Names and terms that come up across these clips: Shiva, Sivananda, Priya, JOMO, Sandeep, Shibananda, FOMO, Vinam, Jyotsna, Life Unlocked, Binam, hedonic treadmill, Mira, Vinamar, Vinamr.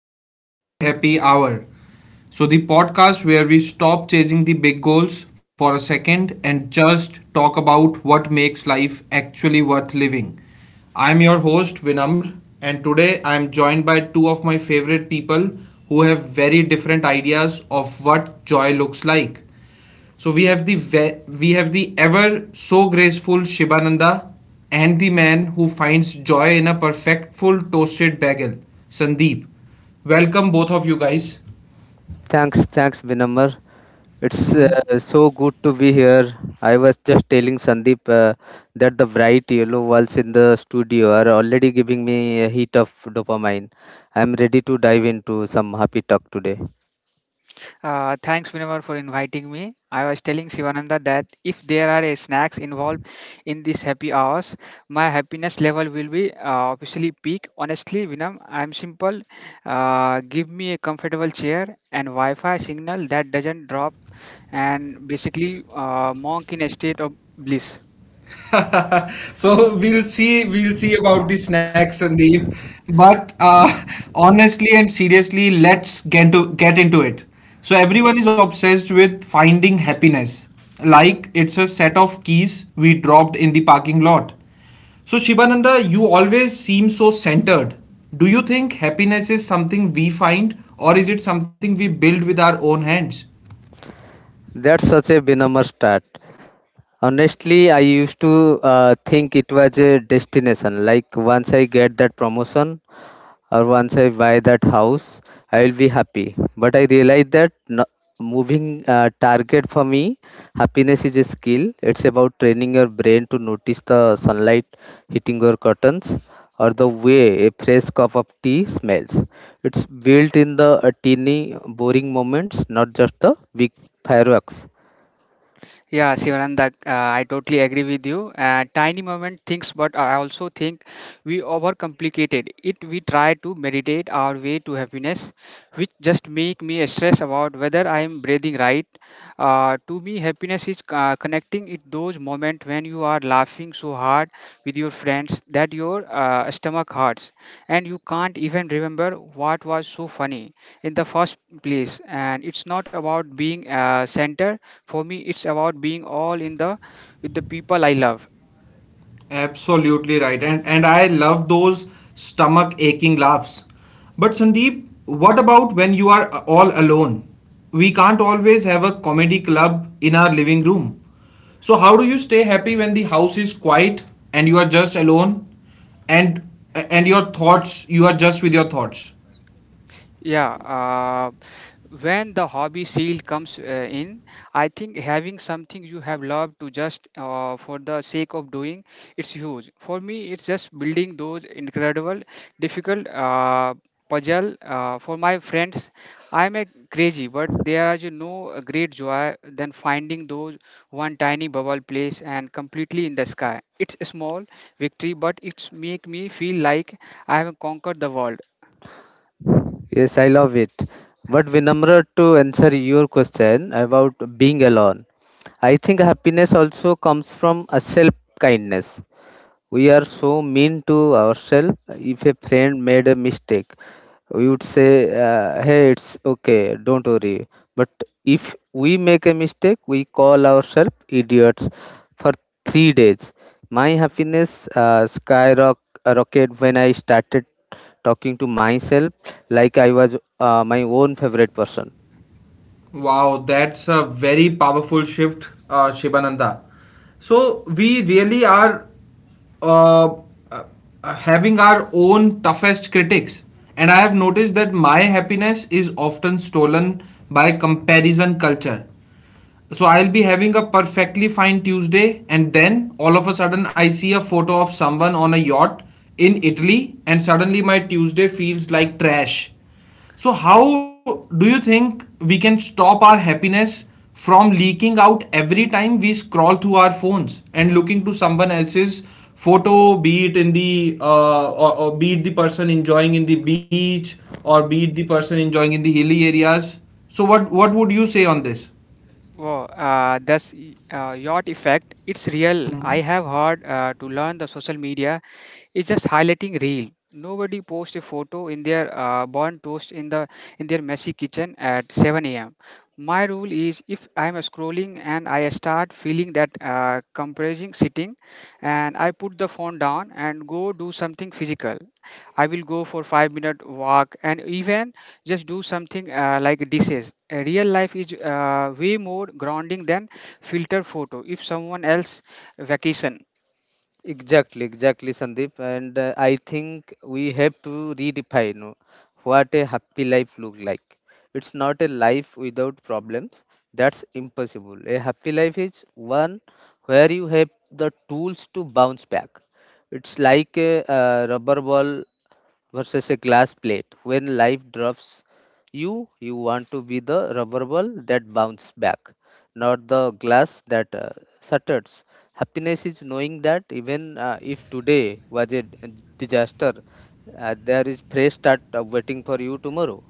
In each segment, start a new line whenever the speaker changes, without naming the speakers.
Welcome to the happy hour. The podcast where we stop chasing the big goals for a second and just talk about what makes life actually worth living. I'm your host, Vinamr, and today I'm joined by two of my favorite people who have very different ideas of what joy looks like. So we have we have the ever so graceful Shibananda and the man who finds joy in a perfect full toasted bagel, Sandeep. Welcome both of you guys.
Thanks, thanks, Vinamar. It's
Mhm.
so good to be here. I was just telling Sandeep that the bright yellow walls in the studio are already giving me a hit of dopamine. I'm ready to dive into some happy talk today.
Thanks, Vinamar, for inviting me. I was telling Sivananda that if there are a snacks involved in these happy hours, my happiness level will be obviously peak. Honestly, Vinam, I'm simple. Give me a comfortable chair and Wi-Fi signal that doesn't drop, and basically, monk in a state of bliss.
So we'll see about the snacks, Sandeep, but honestly and seriously, let's get into it. So everyone is obsessed with finding happiness like it's a set of keys we dropped in the parking lot. So Shibananda, you always seem so centered. Do you think happiness is something we find, or is it something we build with our own hands?
That's such a Vinamar start. Honestly, I used to think it was a destination. Like once I get that promotion, or once I buy that house, I will be happy. But I realized that no, moving target for me, happiness is a skill. It's about training your brain to notice the sunlight hitting your curtains or the way a fresh cup of tea smells. It's built in the teeny boring moments, not just the big fireworks.
Yeah, Sivananda, I totally agree with you. Tiny moment things, but I also think we overcomplicated it. We try to meditate our way to happiness, which just make me stress about whether I am breathing right. To me, happiness is connecting it those moments when you are laughing so hard with your friends that your stomach hurts, and you can't even remember what was so funny in the first place. And it's not about being center for me, it's about being all in the with the people I love.
Absolutely right. And I love those stomach aching laughs. But Sandeep, what about when you are all alone? We can't always have a comedy club in our living room. So how do you stay happy when the house is quiet and you are just alone and and you are just with your thoughts?
Yeah, when the hobby seal comes in. I think having something you have loved to just for the sake of doing, it's huge for me. It's just building those incredible difficult puzzle for my friends. I'm a crazy, but there are a great joy than finding those one tiny bubble place and completely in the sky. It's a small victory, but it's make me feel like I have conquered the world.
Yes, I love it. But Vinamra, to answer your question about being alone, I think happiness also comes from a self kindness. We are so mean to ourselves. If a friend made a mistake, we would say, "Hey, it's okay. Don't worry." But if we make a mistake, we call ourselves idiots for 3 days. My happiness skyrocketed when I started talking to myself like I was my own favorite person.
Wow, that's a very powerful shift, Shibananda. So we really are uh, uh, having our own toughest critics, and I have noticed that my happiness is often stolen by comparison culture. So I'll be having a perfectly fine Tuesday, and then all of a sudden I see a photo of someone on a yacht in Italy, and suddenly my Tuesday feels like trash. So, how do you think we can stop our happiness from leaking out every time we scroll through our phones and looking to someone else's photo, be it in the or be it the person enjoying in the beach or be it the person enjoying in the hilly areas? So, what would you say on this?
Wow, that's yacht effect. It's real. I have heard to learn the social media, it's just highlighting reel. Nobody posts a photo in their bun toast in their messy kitchen at 7 a.m. My rule is if I'm scrolling and I start feeling that compressing sitting, and I put the phone down and go do something physical. I will go for 5-minute walk and even just do something like dishes. Real life is way more grounding than filtered photo if someone else vacation.
Exactly, exactly, Sandeep. And I think we have to redefine what a happy life look like. It's not a life without problems. That's impossible. A happy life is one where you have the tools to bounce back. It's like a, rubber ball versus a glass plate. When life drops you, you want to be the rubber ball that bounces back, not the glass that shatters. Happiness is knowing that even if today was a disaster, there is fresh start waiting for you tomorrow.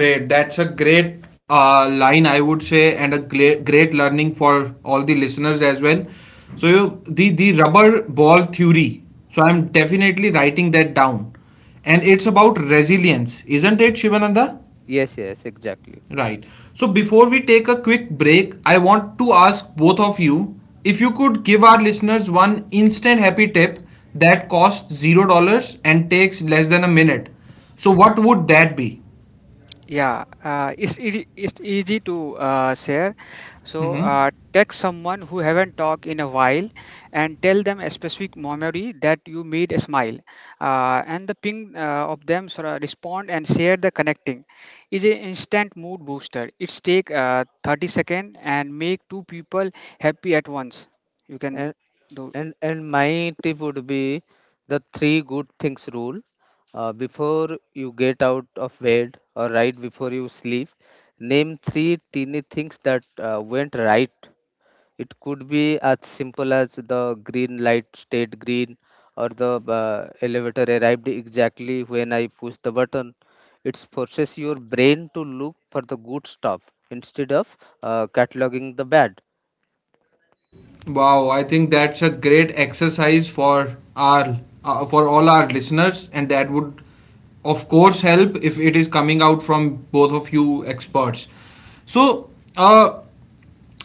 Great. That's a great line, I would say, and a great learning for all the listeners as well. So you, the rubber ball theory. So I'm definitely writing that down, and it's about resilience, isn't it, Shivananda?
Yes, yes, exactly.
Right. So before we take a quick break, I want to ask both of you if you could give our listeners one instant happy tip that costs $0 and takes less than a minute. So what would that be?
Yeah, it's easy to share. So
Mm-hmm.
text someone who haven't talked in a while and tell them a specific memory that you made a smile. And the ping of them sort of respond and share the connecting is an instant mood booster. It's take 30 second and make two people happy at once. You can
And
do.
and my tip would be the three good things rule. Before you get out of bed or right before you sleep, name three teeny things that went right. It could be as simple as the green light stayed green or the elevator arrived exactly when I pushed the button. It forces your brain to look for the good stuff instead of cataloging the bad.
Wow, I think that's a great exercise for our for all our listeners, and that would, of course, help if it is coming out from both of you experts. So, uh,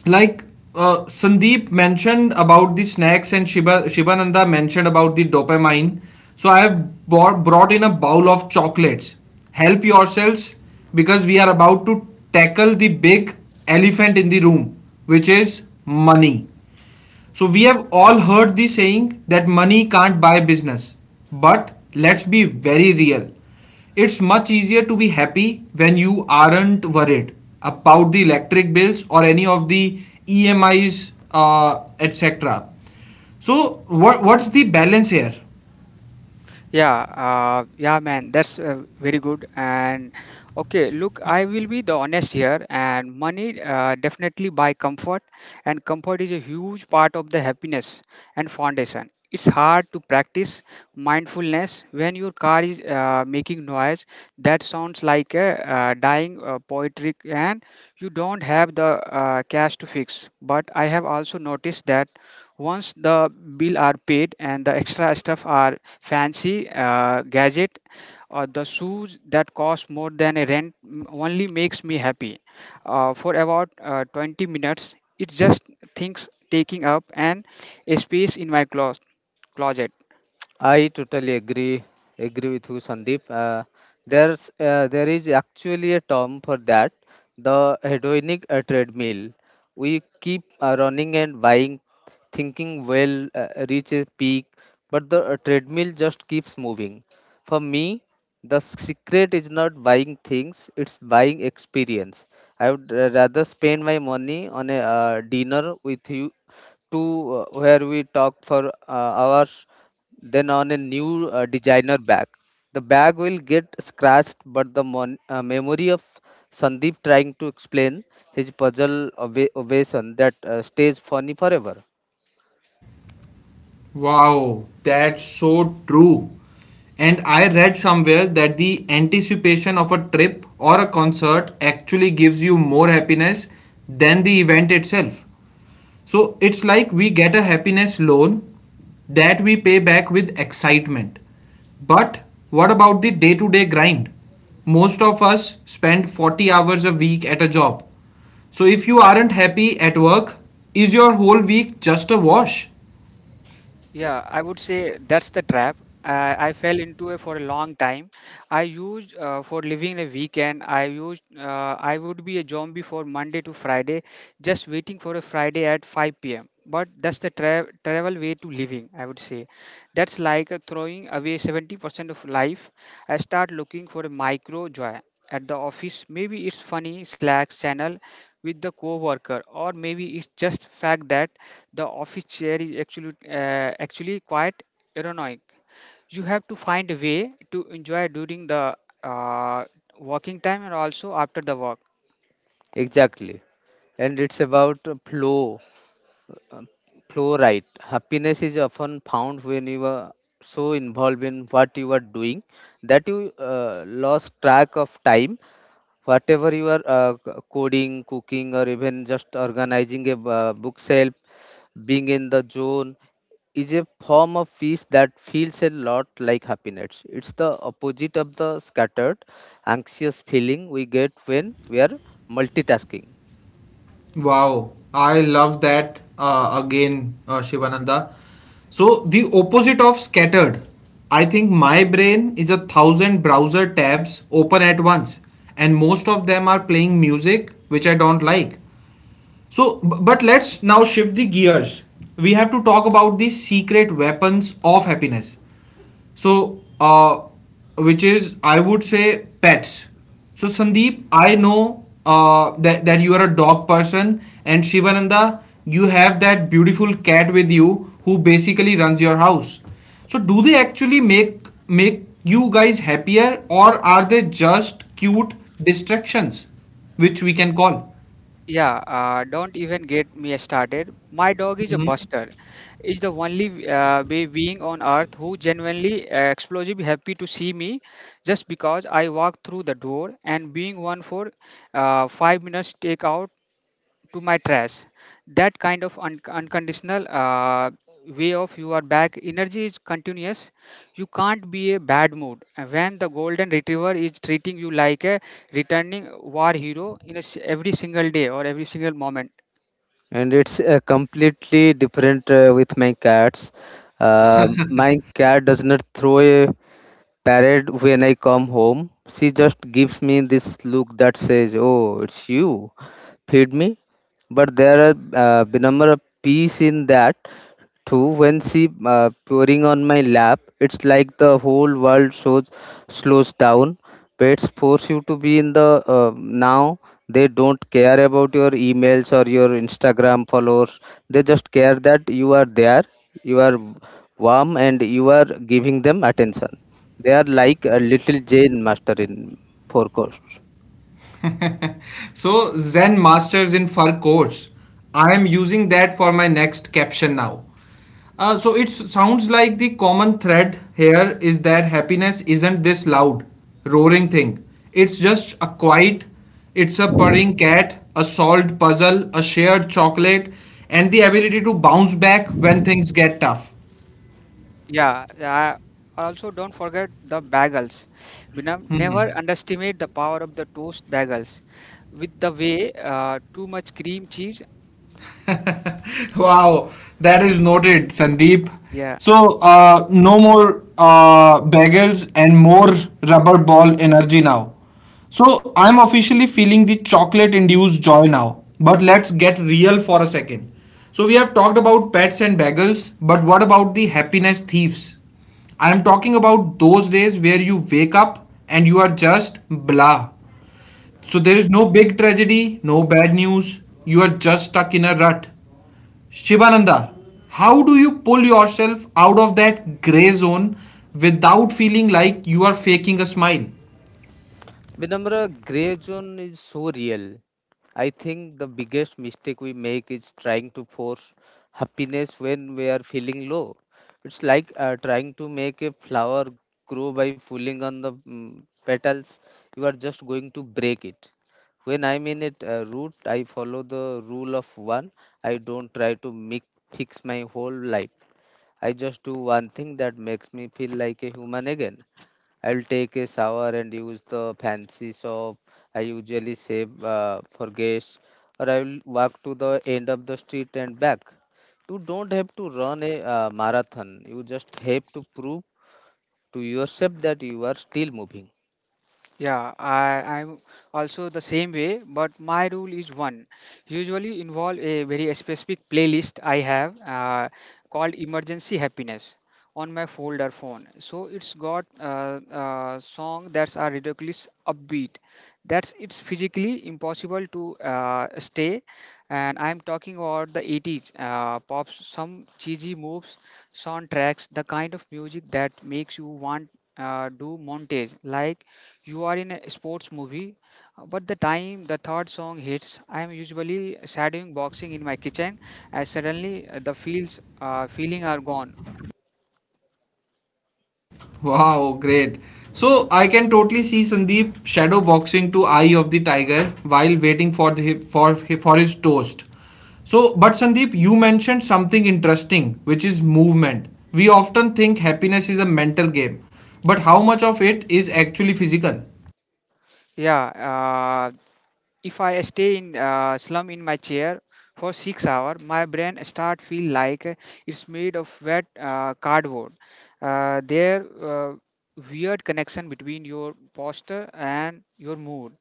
like Sandeep mentioned about the snacks, and Shibananda mentioned about the dopamine. So, I have brought in a bowl of chocolates. Help yourselves, because we are about to tackle the big elephant in the room, which is money. So we have all heard the saying that money can't buy business. But let's be very real. It's much easier to be happy when you aren't worried about the electric bills or any of the EMIs, etc. So what's the balance here?
Yeah, yeah, man, that's very good. And okay, look, I will be the honest here. And money definitely buy comfort, and comfort is a huge part of the happiness and foundation. It's hard to practice mindfulness when your car is making noise that sounds like a dying poetry, and you don't have the cash to fix. But I have also noticed that once the bill are paid and the extra stuff are fancy gadget, or the shoes that cost more than a rent only makes me happy for about 20 minutes. It's just things taking up and a space in my closet.
I totally agree with you, Sandeep. There is actually a term for that, the hedonic treadmill. We keep running and buying, thinking well reach a peak, but the treadmill just keeps moving. For me, the secret is not buying things; it's buying experience. I would rather spend my money on a dinner with you to where we talk for hours then on a new designer bag. The bag will get scratched, but the memory of Sandeep trying to explain his ovation that stays funny forever.
Wow, that's so true. And I read somewhere that the anticipation of a trip or a concert actually gives you more happiness than the event itself. So it's like we get a happiness loan that we pay back with excitement. But what about the day to day grind? Most of us spend 40 hours a week at a job. So if you aren't happy at work, is your whole week just a wash?
Yeah, I would say that's the trap. I fell into it for a long time. I used for living a weekend. I would be a zombie for Monday to Friday, just waiting for a Friday at 5 p.m. But that's the travel way to living. I would say that's like throwing away 70% of life. I start looking for a micro joy at the office. Maybe it's funny Slack channel with the coworker, or maybe it's just fact that the office chair is actually quite ergonomic. You have to find a way to enjoy during the uh, working time and also after the work.
Exactly. And it's about uh, flow right. Happiness is often found when you are so involved in what you are doing that you lost track of time. Whatever you are coding, cooking, or even just organizing a bookshelf. Being in the zone is a form of peace that feels a lot like happiness. It's the opposite of the scattered, anxious feeling we get when we are multitasking.
Wow, I love that, Shivananda. So, the opposite of scattered, I think my brain is a thousand browser tabs open at once, and most of them are playing music which I don't like. So, but let's now shift the gears. We have to talk about the secret weapons of happiness. So, which is, I would say, pets. So, Sandeep, I know that you are a dog person, and Shivananda, you have that beautiful cat with you who basically runs your house. So, do they actually make you guys happier, or are they just cute distractions, which we can call?
Yeah, don't even get me started. My dog is a buster. Is the only being on earth who genuinely explosive happy to see me just because I walk through the door and being one for 5 minutes take out to my trash. That kind of unconditional way of you are back energy is continuous. You can't be a bad mood. When the golden retriever is treating you like a returning war hero in every single day or every single moment.
And it's completely different with my cats. My cat does not throw a parade. When I come home, she just gives me this look that says, "Oh, it's you, feed me." But there are number of peace in that too. When she pouring on my lap, it's like the whole world shows slows down. Pets force you to be in the now. They don't care about your emails or your Instagram followers. They just care that you are there, you are warm, and you are giving them attention. They are like a little Jane master in forecast.
So Zen Masters in Fur course. I am using that for my next caption now. So it sounds like the common thread here is that happiness isn't this loud, roaring thing. It's just a quiet, it's a purring cat, a solved puzzle, a shared chocolate, and the ability to bounce back when things get tough.
Yeah. Also, don't forget the bagels. Binam, never underestimate the power of the toast bagels. With the way too much cream cheese.
Wow, that is noted, Sandeep.
Yeah.
So, no more bagels and more rubber ball energy now. So, I'm officially feeling the chocolate induced joy now. But let's get real for a second. So, we have talked about pets and bagels, but what about the happiness thieves? I'm talking about those days where you wake up and you are just blah. So there is no big tragedy, no bad news. You are just stuck in a rut. Shivananda, how do you pull yourself out of that gray zone without feeling like you are faking a smile?
Vinamra, gray zone is so real. I think the biggest mistake we make is trying to force happiness when we are feeling low. It's like trying to make a flower grow by pulling on the petals. You are just going to break it. When I'm in it root, I follow the rule of one. I don't try to fix my whole life. I just do one thing that makes me feel like a human again. I'll take a shower and use the fancy soap I usually save for guests, or I will walk to the end of the street and back. You don't have to run a marathon, you just have to prove to yourself that you are still moving.
Yeah, I'm also the same way, but my rule is one. Usually involve a very specific playlist I have called Emergency Happiness on my folder phone. So it's got song that's are ridiculous upbeat. That's it's physically impossible to stay. And I'm talking about the 80s pops, some cheesy moves, soundtracks, the kind of music that makes you want do montage like you are in a sports movie but the time the third song hits, I am usually shadowing boxing in my kitchen as suddenly the feels feeling are gone.
Wow, great. So I can totally see Sandeep shadow boxing to Eye of the Tiger while waiting for the for his toast. So, but Sandeep, you mentioned something interesting, which is movement. We often think happiness is a mental game, but how much of it is actually physical?
Yeah, uh, if I stay in slum in my chair for 6 hours, my brain start feel like it's made of wet cardboard. There weird connection between your posture and your mood.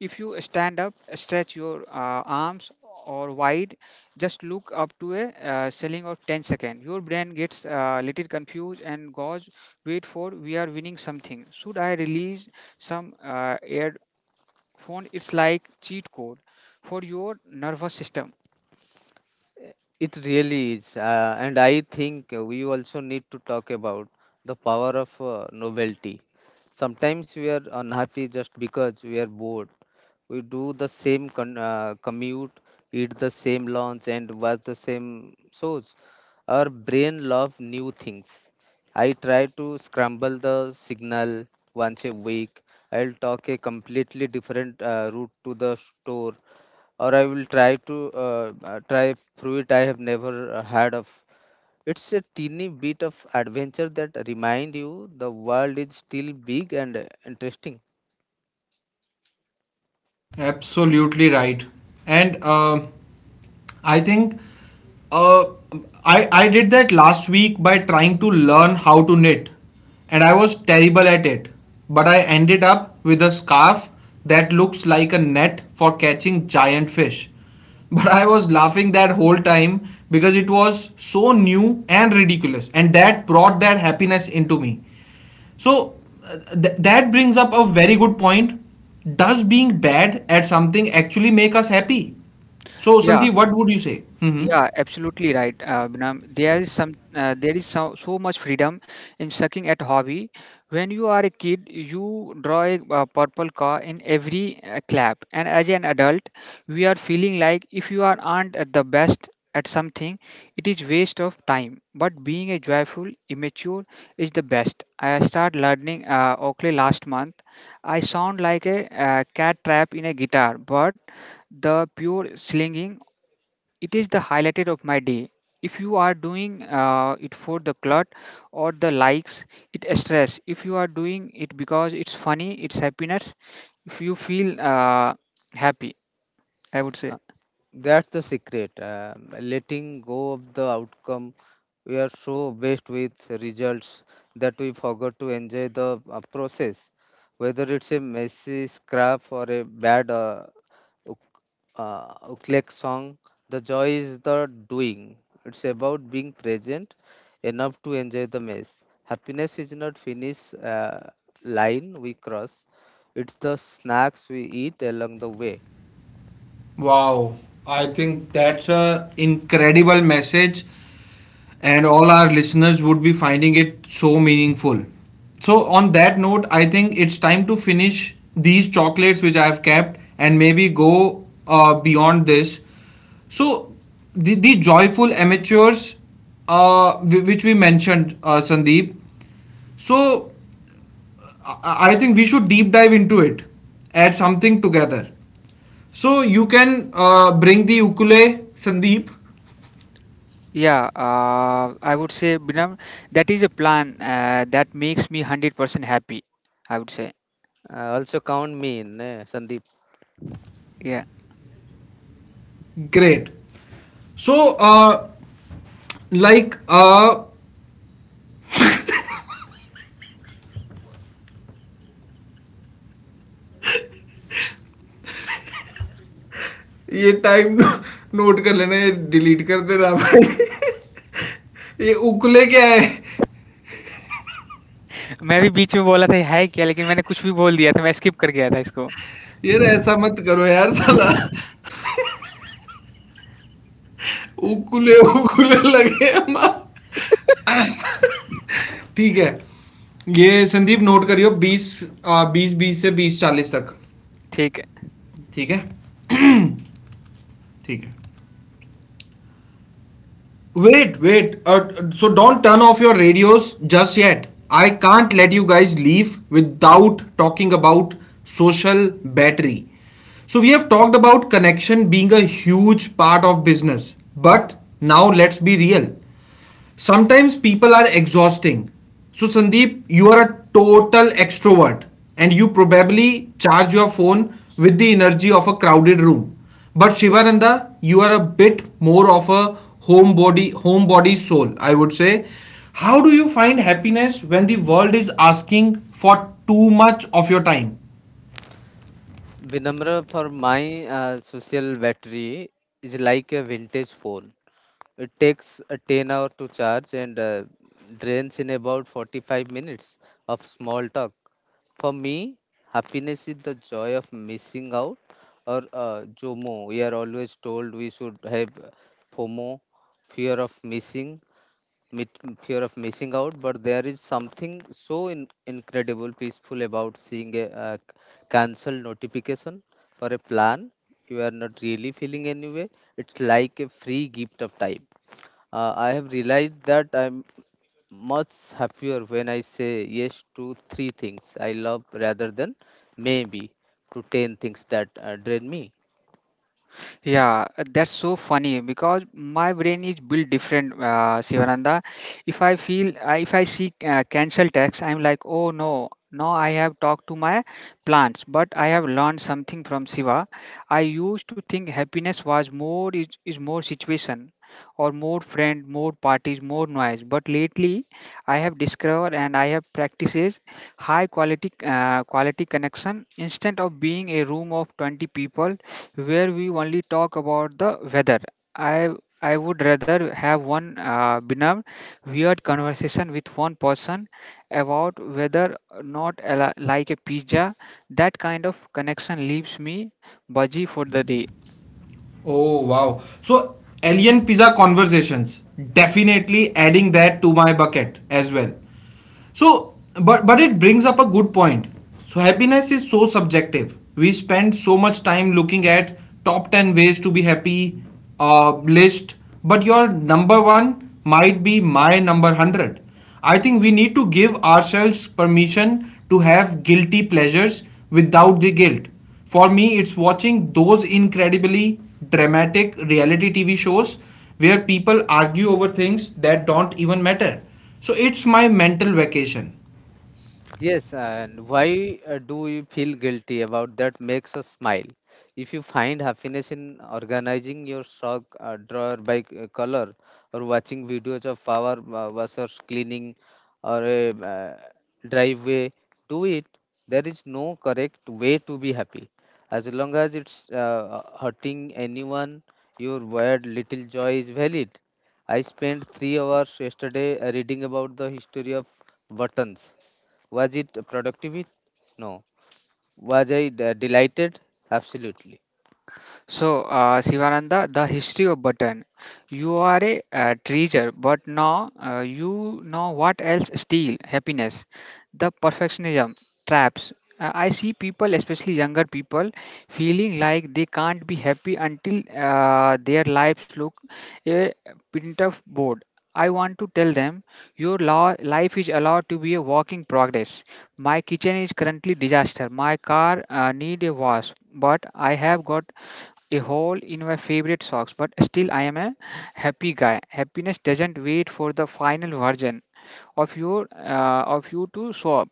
If you stand up, stretch your arms or wide, just look up to a ceiling of 10 second. Your brain gets a little confused and goes, wait for we are winning something. Should I release some air phone? It's like cheat code for your nervous system.
It really is, and I think we also need to talk about the power of novelty. Sometimes we are unhappy just because we are bored. We do the same commute, eat the same lunch, and watch the same shows. Our brain love new things. I try to scramble the signal once a week. I'll talk a completely different route to the store, or I will try to try fruit I have never heard of. It's a teeny bit of adventure that remind you the world is still big and interesting.
Absolutely right. And I think uh, I did that last week by trying to learn how to knit, and I was terrible at it. But I ended up with a scarf that looks like a net for catching giant fish. But I was laughing that whole time because it was so new and ridiculous, and that brought that happiness into me. So that brings up a very good point. Does being bad at something actually make us happy? So
Yeah,
Sandeep, what would you say? Hmm.
yeah, absolutely right, Binam. There is so, so much freedom in sucking at hobby. When you are a kid, you draw a purple car in every clap, and as an adult, we are feeling like if you are aren't at the best at something, it is waste of time. But being a joyful immature is the best. I start learning Oakley last month. I sound like a cat trap in a guitar, but the pure slinging, it is the highlighted of my day. If you are doing it for the glut or the likes, it is stress. If you are doing it because it's funny, it's happiness if you feel happy, I would
Uh,
say.
That's the secret. Letting go of the outcome. We are so based with results that we forgot to enjoy the process. Whether it's a messy scrap or a bad uk- ukulele song, the joy is the doing. It's about being present enough to enjoy the mess. Happiness is not finish line we cross. It's the snacks we eat along the way.
Wow, I think that's a incredible message and all our listeners would be finding it so meaningful. So, on that note, I think it's time to finish these chocolates which I have kept and maybe go beyond this. So, the joyful amateurs, which we mentioned, Sandeep. So, I I think we should deep dive into it, add something together. So, you can bring the ukulele, Sandeep.
Yeah, I would say, Binam, that is a plan that makes me 100% happy, I would say.
Also count me in, Sandeep.
Yeah.
Great. So, like, uh, ये time note कर लेना ये delete कर देना भाई ये उकुले क्या है
मैं भी बीच में बोला था है क्या लेकिन मैंने कुछ भी बोल दिया था मैं स्किप कर गया था इसको.
ये तो ऐसा मत करो यार साला उकुले लगे हमार- ठीक है ये संदीप नोट करियो बीस बीस से बीस चालीस तक।
ठीक.
ठीक है। ठीक है। Wait, wait. So don't turn off your radios just yet. I can't let you guys leave without talking about social battery. So we have talked about connection being a huge part of business, but now let's be real. Sometimes people are exhausting. So, Sandeep, you are a total extrovert and you probably charge your phone with the energy of a crowded room. But Shivananda, you are a bit more of a homebody soul, I would say. How do you find happiness when the world is asking for too much of your time?
Vinamra, for my social battery is like a vintage phone. It takes a 10 hour to charge and drains in about 45 minutes of small talk. For me, happiness is the joy of missing out or JOMO. We are always told we should have FOMO, fear of missing. With fear of missing out, but there is something so incredible peaceful about seeing a, cancel notification for a plan you are not really feeling anyway. It's like a free gift of time. I have realized that I'm much happier when I say yes to three things I love rather than maybe to 10 things that drain me.
Yeah, that's so funny because my brain is built different, Sivananda. If I see cancel text, I'm like, oh no, now I have talked to my plants, but I have learned something from Shiva. I used to think happiness was more is more situation or more friend, more parties, more noise. But lately, I have discovered and I have practices high quality quality connection instead of being a room of 20 people where we only talk about the weather. I I would rather have one benign, weird conversation with one person about whether or not like a pizza. That kind of connection leaves me budgy for the day.
Oh wow. So alien pizza conversations, definitely adding that to my bucket as well. So, but it brings up a good point. So happiness is so subjective. We spend so much time looking at top 10 ways to be happy list, but your number one might be my number 100. I think we need to give ourselves permission to have guilty pleasures without the guilt. For me, it's watching those incredibly dramatic reality TV shows where people argue over things that don't even matter. So it's my mental vacation.
Yes, and why do we feel guilty about that makes us smile? If you find happiness in organizing your sock drawer by color, or watching videos of power washers cleaning, or a driveway, do it. There is no correct way to be happy. As long as it's hurting anyone, your weird little joy is valid. I spent 3 hours yesterday reading about the history of buttons. Was it productive? No. Was I delighted? Absolutely.
So, Sivananda, the history of button. You are a treasure, but now you know what else steal happiness. The perfectionism traps. I see people, especially younger people, feeling like they can't be happy until their lives look a print of board. I want to tell them your law, life is allowed to be a walking progress. My kitchen is currently disaster. My car need a wash, but I have got a hole in my favorite socks, but still I am a happy guy. Happiness doesn't wait for the final version of you to show up.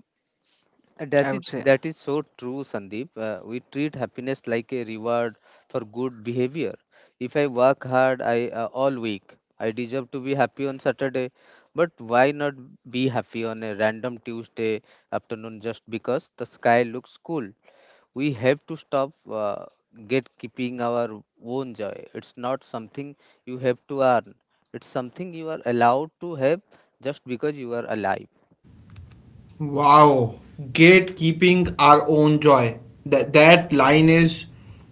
I
That is
would say,
that is so true, Sandeep. We treat happiness like a reward for good behavior. If I work hard, I all week, I deserve to be happy on Saturday. But why not be happy on a random Tuesday afternoon just because the sky looks cool? We have to stop get keeping our own joy. It's not something you have to earn. It's something you are allowed to have just because you are alive.
Wow. Gatekeeping our own joy. That line is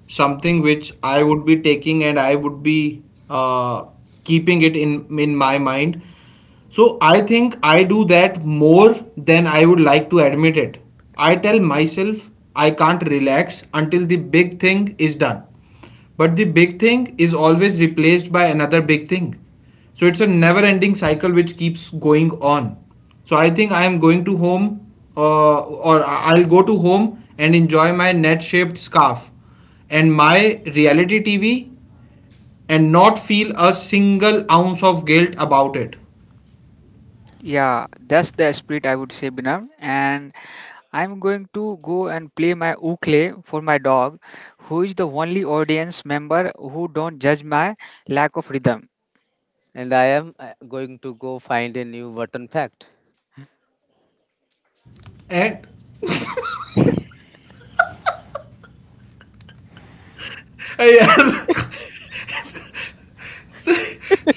something which I would be taking and I would be uh, keeping it in my mind. So I think I do that more than I would like to admit it. I tell myself I can't relax until the big thing is done. But the big thing is always replaced by another big thing. So it's a never ending cycle which keeps going on. So I think I am going to home will go to home and enjoy my net shaped scarf and my reality TV and not feel a single ounce of guilt about it.
yeah, that's the spirit I would say, Binam. And I'm going to go and play my ukulele for my dog, who is the only audience member who don't judge my lack of rhythm.
And I am going to go find a new button fact.
And यार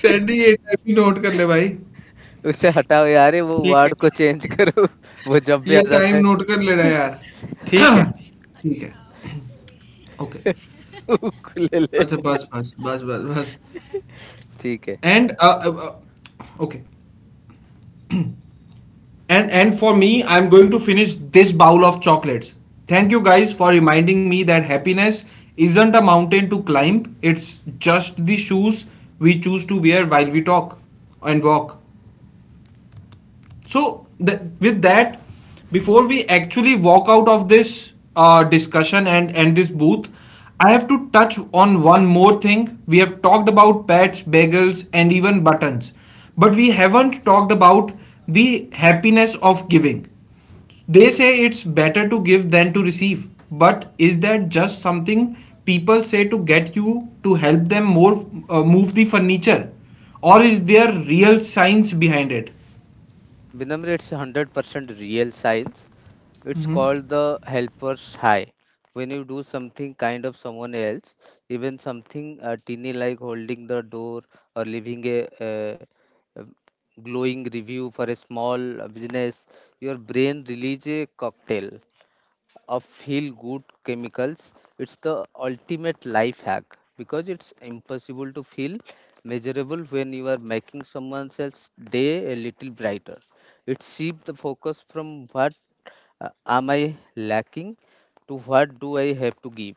Sandy ये time ही note कर ले भाई
उसे हटाओ यार वो
ठीक है.
वर्ड को चेंज करो वो जब भी
ये
आ
टाइम
जाता है
नोट कर लेना यार
ठीक है.
ठीक है, ओके,
ले ले
अच्छा बस बस बस बस बस.
ठीक है.
And Okay. And for me, I'm going to finish this bowl of chocolates. Thank you guys for reminding me that happiness isn't a mountain to climb, it's just the shoes we choose to wear while we talk and walk. So, with that, before we actually walk out of this discussion and end this booth, I have to touch on one more thing. We have talked about pets, bagels, and even buttons, but we haven't talked about the happiness of giving. They say it's better to give than to receive, but is that just something people say to get you to help them more move the furniture, or is there real science behind it?
Vinamra, it's 100% real science. It's called the helper's high. When you do something kind of someone else, even something teeny like holding the door or leaving a glowing review for a small business, your brain releases a cocktail of feel good chemicals. It's the ultimate life hack because it's impossible to feel measurable when you are making someone else's day a little brighter. It shifts the focus from what am I lacking to what do I have to give.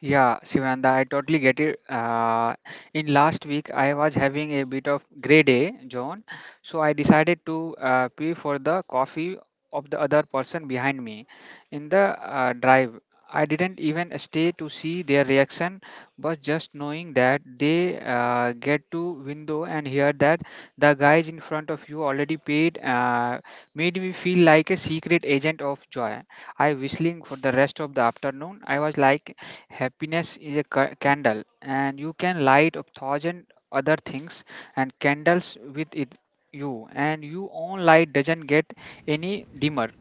Yeah, Sivananda, I totally get it. In last week, I was having a bit of grey day, John, so I decided to pay for the coffee of the other person behind me in the drive. I didn't even stay to see their reaction, but just knowing that they get to window and hear that the guys in front of you already paid made me feel like a secret agent of joy. I whistling for the rest of the afternoon. I was like. Happiness is a candle, and you can light a thousand other things and candles with it. You and your own light doesn't get any dimmer.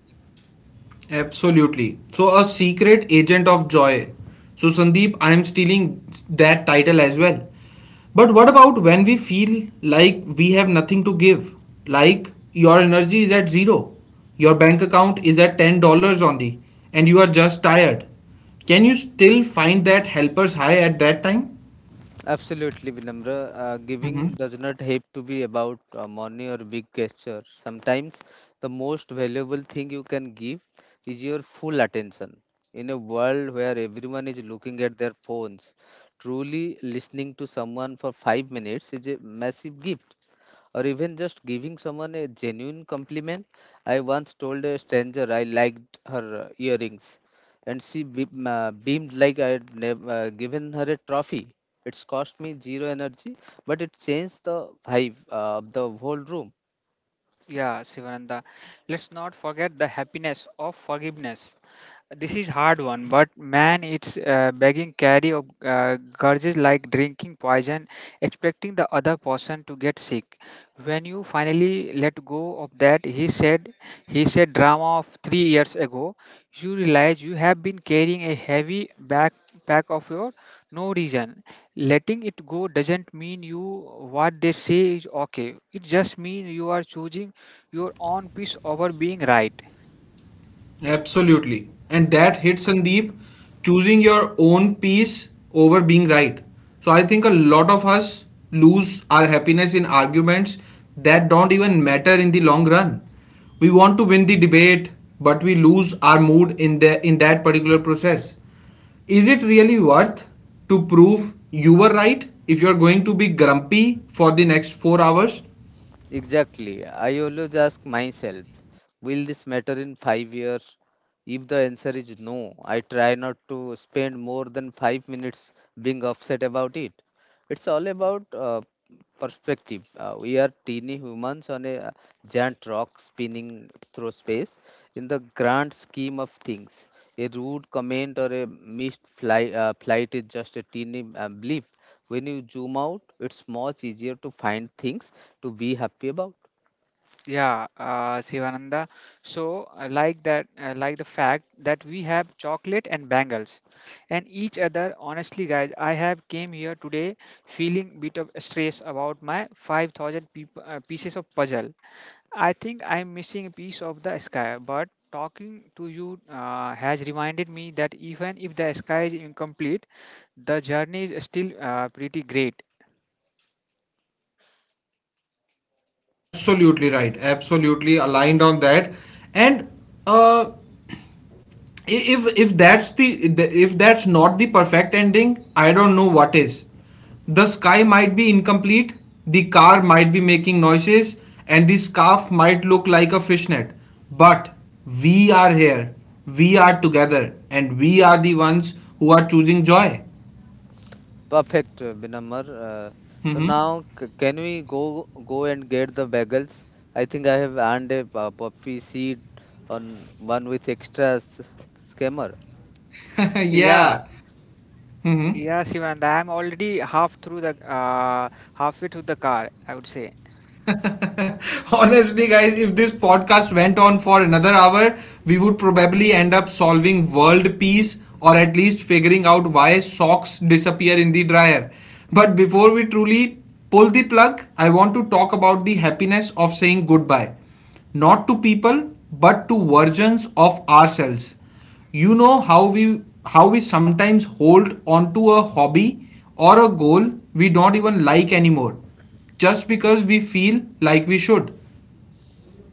Absolutely. So, a secret agent of joy. So, Sandeep, I am stealing that title as well. But what about when we feel like we have nothing to give? Like your energy is at zero, your bank account is at $10 only, and you are just tired. Can you still find that helper's high at that time?
Absolutely, Vinamra. Giving does not have to be about money or big gesture. Sometimes the most valuable thing you can give is your full attention. In a world where everyone is looking at their phones, truly listening to someone for 5 minutes is a massive gift, or even just giving someone a genuine compliment. I once told a stranger I liked her earrings, and she beamed like I had given her a trophy. It's cost me zero energy, but it changed the vibe of the whole room.
Yeah, Sivananda, let's not forget the happiness of forgiveness. This is hard one, but man, it's begging carry of gurges like drinking poison, expecting the other person to get sick. When you finally let go of that, he said drama of 3 years ago, you realize you have been carrying a heavy backpack of your no reason. Letting it go doesn't mean you what they say is okay. It just means you are choosing your own peace over being right.
Absolutely. And that hit, Sandeep, choosing your own peace over being right. So I think a lot of us lose our happiness in arguments that don't even matter in the long run. We want to win the debate, but we lose our mood in the in that particular process. Is it really worth to prove you were right if you're going to be grumpy for the next 4 hours?
Exactly. I always ask myself, will this matter in 5 years? If the answer is no, I try not to spend more than 5 minutes being upset about it. It's all about perspective. We are teeny humans on a giant rock spinning through space. In the grand scheme of things, a rude comment or a missed flight is just a teeny blip. When you zoom out, it's much easier to find things to be happy about.
Yeah, Sivananda. So, I like that, I like the fact that we have chocolate and bangles, and each other. Honestly, guys, I have came here today feeling bit of stress about my 5,000 peop pieces of puzzle. I think I'm missing a piece of the sky, but talking to you has reminded me that even if the sky is incomplete, the journey is still pretty great.
Absolutely right. Absolutely aligned on that. And uh, if that's the, if that's not the perfect ending, I don't know what is. The sky might be incomplete, the car might be making noises, and the scarf might look like a fishnet, but we are here, we are together, and we are the ones who are choosing joy.
Perfect, Binamar. So
Hmm.
now, can we go and get the bagels? I think I have earned a puffy seed on one with extra scammer.
Yeah,
Yeah. Hmm.
Yeah, Shivand, I'm already half through the halfway through the car, I would say.
Honestly, guys, if this podcast went on for another hour, we would probably end up solving world peace or at least figuring out why socks disappear in the dryer. But before we truly pull the plug, I want to talk about the happiness of saying goodbye. Not to people, but to versions of ourselves. You know how we sometimes hold onto a hobby or a goal we don't even like anymore just because we feel like we should.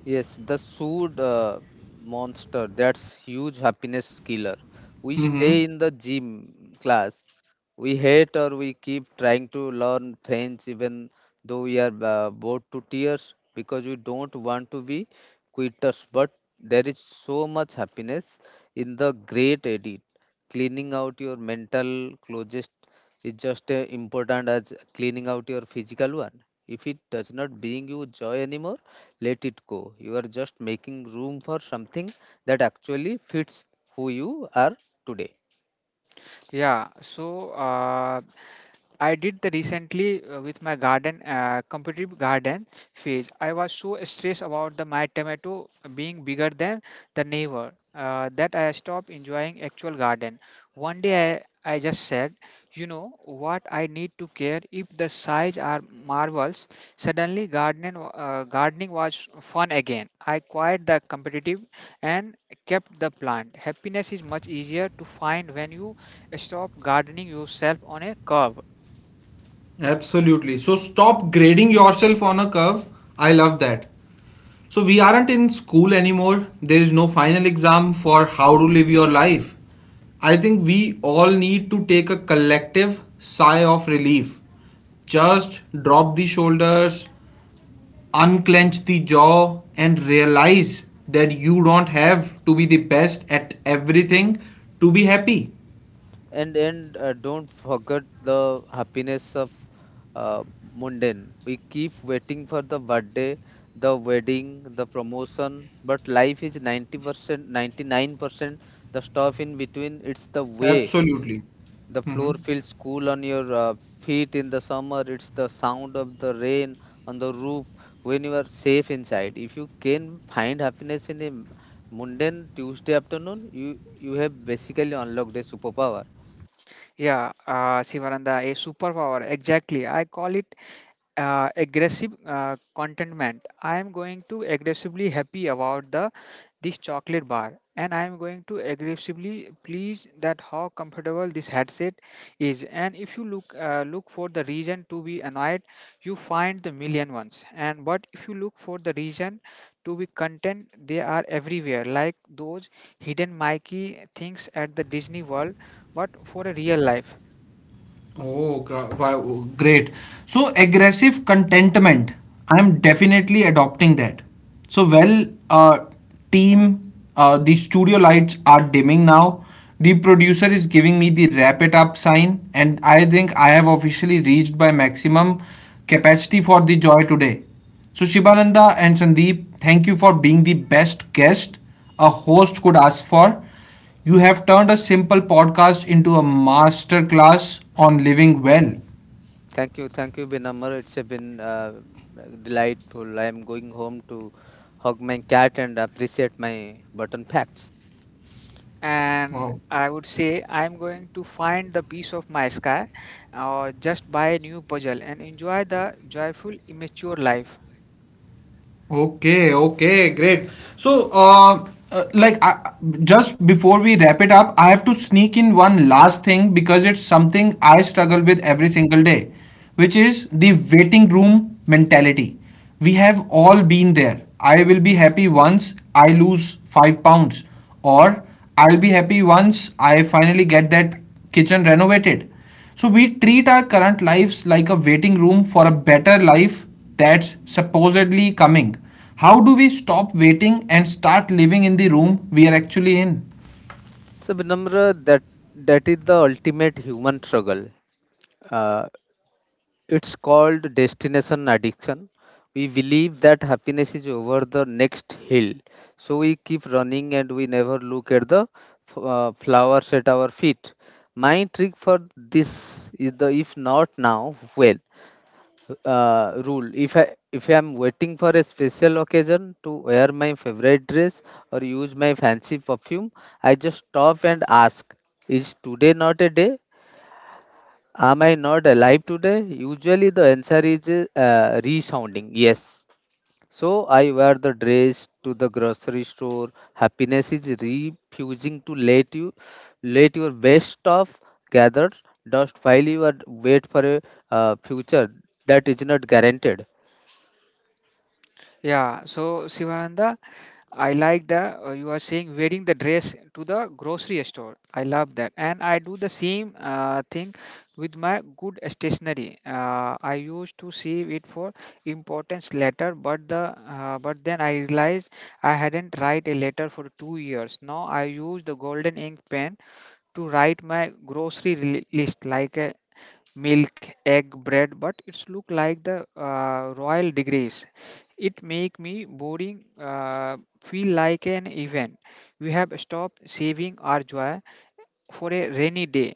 Yes, the sued monster, that's huge happiness killer. We stay in the gym class. We hate or we keep trying to learn French even though we are bored to tears because we don't want to be quitters. But there is so much happiness in the great edit. Cleaning out your mental closet is just as important as cleaning out your physical one. If it does not bring you joy anymore, let it go. You are just making room for something that actually fits who you are today.
Yeah, so I did the recently with my garden, competitive garden phase. I was so stressed about the my tomato being bigger than the neighbor that I stopped enjoying actual garden. One day I just said, you know what I need to care if the size are marvels. Suddenly gardening was fun again. I quit the competitive and kept the plant. Happiness is much easier to find when you stop gardening yourself on a curve.
Absolutely. So stop grading yourself on a curve. I love that. So we aren't in school anymore. There is no final exam for how to live your life. I think we all need to take a collective sigh of relief. Just drop the shoulders, unclench the jaw, and realize that you don't have to be the best at everything to be happy.
And don't forget the happiness of uh, mundane. We keep waiting for the birthday, the wedding, the promotion, but life is 90%, 99% the stuff in between. It's the way
Absolutely.
the floor
Mhm.
feels cool on your feet in the summer. It's the sound of the rain on the roof when you are safe inside. If you can find happiness in a mundane Tuesday afternoon, you have basically unlocked a superpower.
Yeah, Sivaranda, a superpower. Exactly. I call it aggressive contentment. I am going to aggressively happy about the this chocolate bar, and I am going to aggressively pleased that how comfortable this headset is. And if you look for the reason to be annoyed, you find the million ones. And but if you look for the reason to be content, they are everywhere, like those hidden Mikey things at the Disney World, but for a real life.
Oh, wow, great. So, aggressive contentment. I am definitely adopting that. So, team, the studio lights are dimming now. The producer is giving me the wrap it up sign, and I think I have officially reached my maximum capacity for the joy today. So, Shibananda and Sandeep, thank you for being the best guest a host could ask for. You have turned a simple podcast into a masterclass on living well.
Thank you, Benamar. It's been delightful. I am going home to hug my cat and appreciate my button facts.
And
Wow.
I would say I'm going to find the piece of my sky or just buy a new puzzle and enjoy the joyful, immature life.
Okay, okay, great. So, uh, uh, like, I, just before we wrap it up, I have to sneak in one last thing because it's something I struggle with every single day, which is the waiting room mentality. We have all been there. I will be happy once I lose 5 pounds, or I'll be happy once I finally get that kitchen renovated. So we treat our current lives like a waiting room for a better life that's supposedly coming. How do we stop waiting and start living in the room we are actually in?
So, Benamra, that is the ultimate human struggle. Uh, It's called destination addiction. We believe that happiness is over the next hill. So we keep running and we never look at the flowers at our feet. My trick for this is the if not now, when rule. If I am waiting for a special occasion to wear my favorite dress or use my fancy perfume, I just stop and ask, is today not a day? Am I not alive today? Usually the answer is resounding yes. So I wear the dress to the grocery store. Happiness is refusing to let you let your best of gather dust while you are wait for a future that is not guaranteed.
Yeah, so Sivananda, I like the you are saying wearing the dress to the grocery store. I love that, and I do the same thing with my good stationery. I used to save it for importance letter, but then I realized I hadn't write a letter for 2 years. Now I use the golden ink pen to write my list like a milk egg bread, but it's look like the royal degrees. It make me boring feel like an event. We have stopped saving our joy for a rainy day.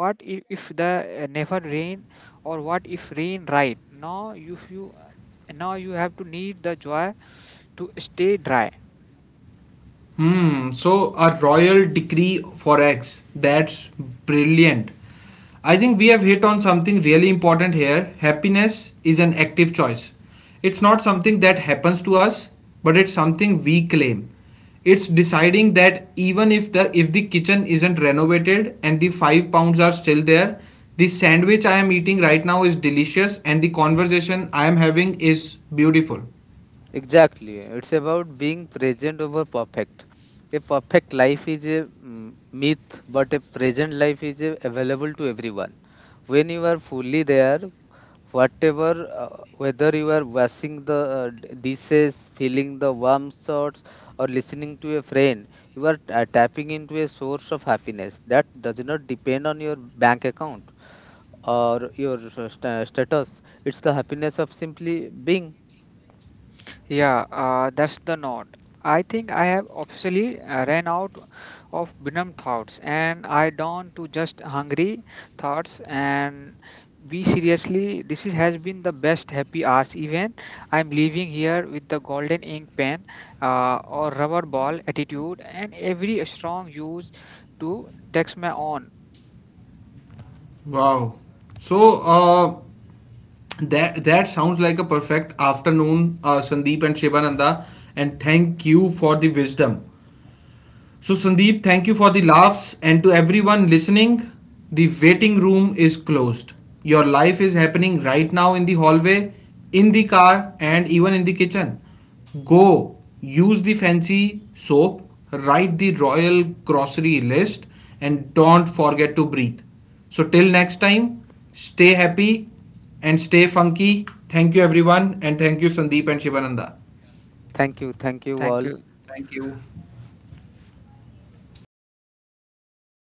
What if the never rain, or what if rain right now. If you now you have to need the joy to stay dry.
Hmm, so a royal decree for X. That's brilliant. I think we have hit on something really important here. Happiness is an active choice. It's not something that happens to us, but it's something we claim. It's deciding that even if the kitchen isn't renovated and the 5 pounds are still there, the sandwich I am eating right now is delicious and the conversation I am having is beautiful.
Exactly. It's about being present over perfect. A perfect life is a myth, but a present life is a, available to everyone. When you are fully there, whether you are washing the dishes, feeling the warm shots, or listening to a friend, you are tapping into a source of happiness that does not depend on your bank account or your status. It's the happiness of simply being.
Yeah, that's the nod. I think I have officially ran out of Binam thoughts and I down to just hungry thoughts and be seriously this has been the best happy hours event. I'm leaving here with the golden ink pen or rubber ball attitude and every strong use to text my own.
Wow. So that sounds like a perfect afternoon, Sandeep and Shivananda. And thank you for the wisdom. So, Sandeep, thank you for the laughs. And to everyone listening, the waiting room is closed. Your life is happening right now in the hallway, in the car, and even in the kitchen. Go use the fancy soap, write the royal grocery list, and don't forget to breathe. So, till next time, stay happy and stay funky. Thank you, everyone, and thank you, Sandeep and Shivananda.
Thank you. Thank you
Thank
all.
you.
Thank you.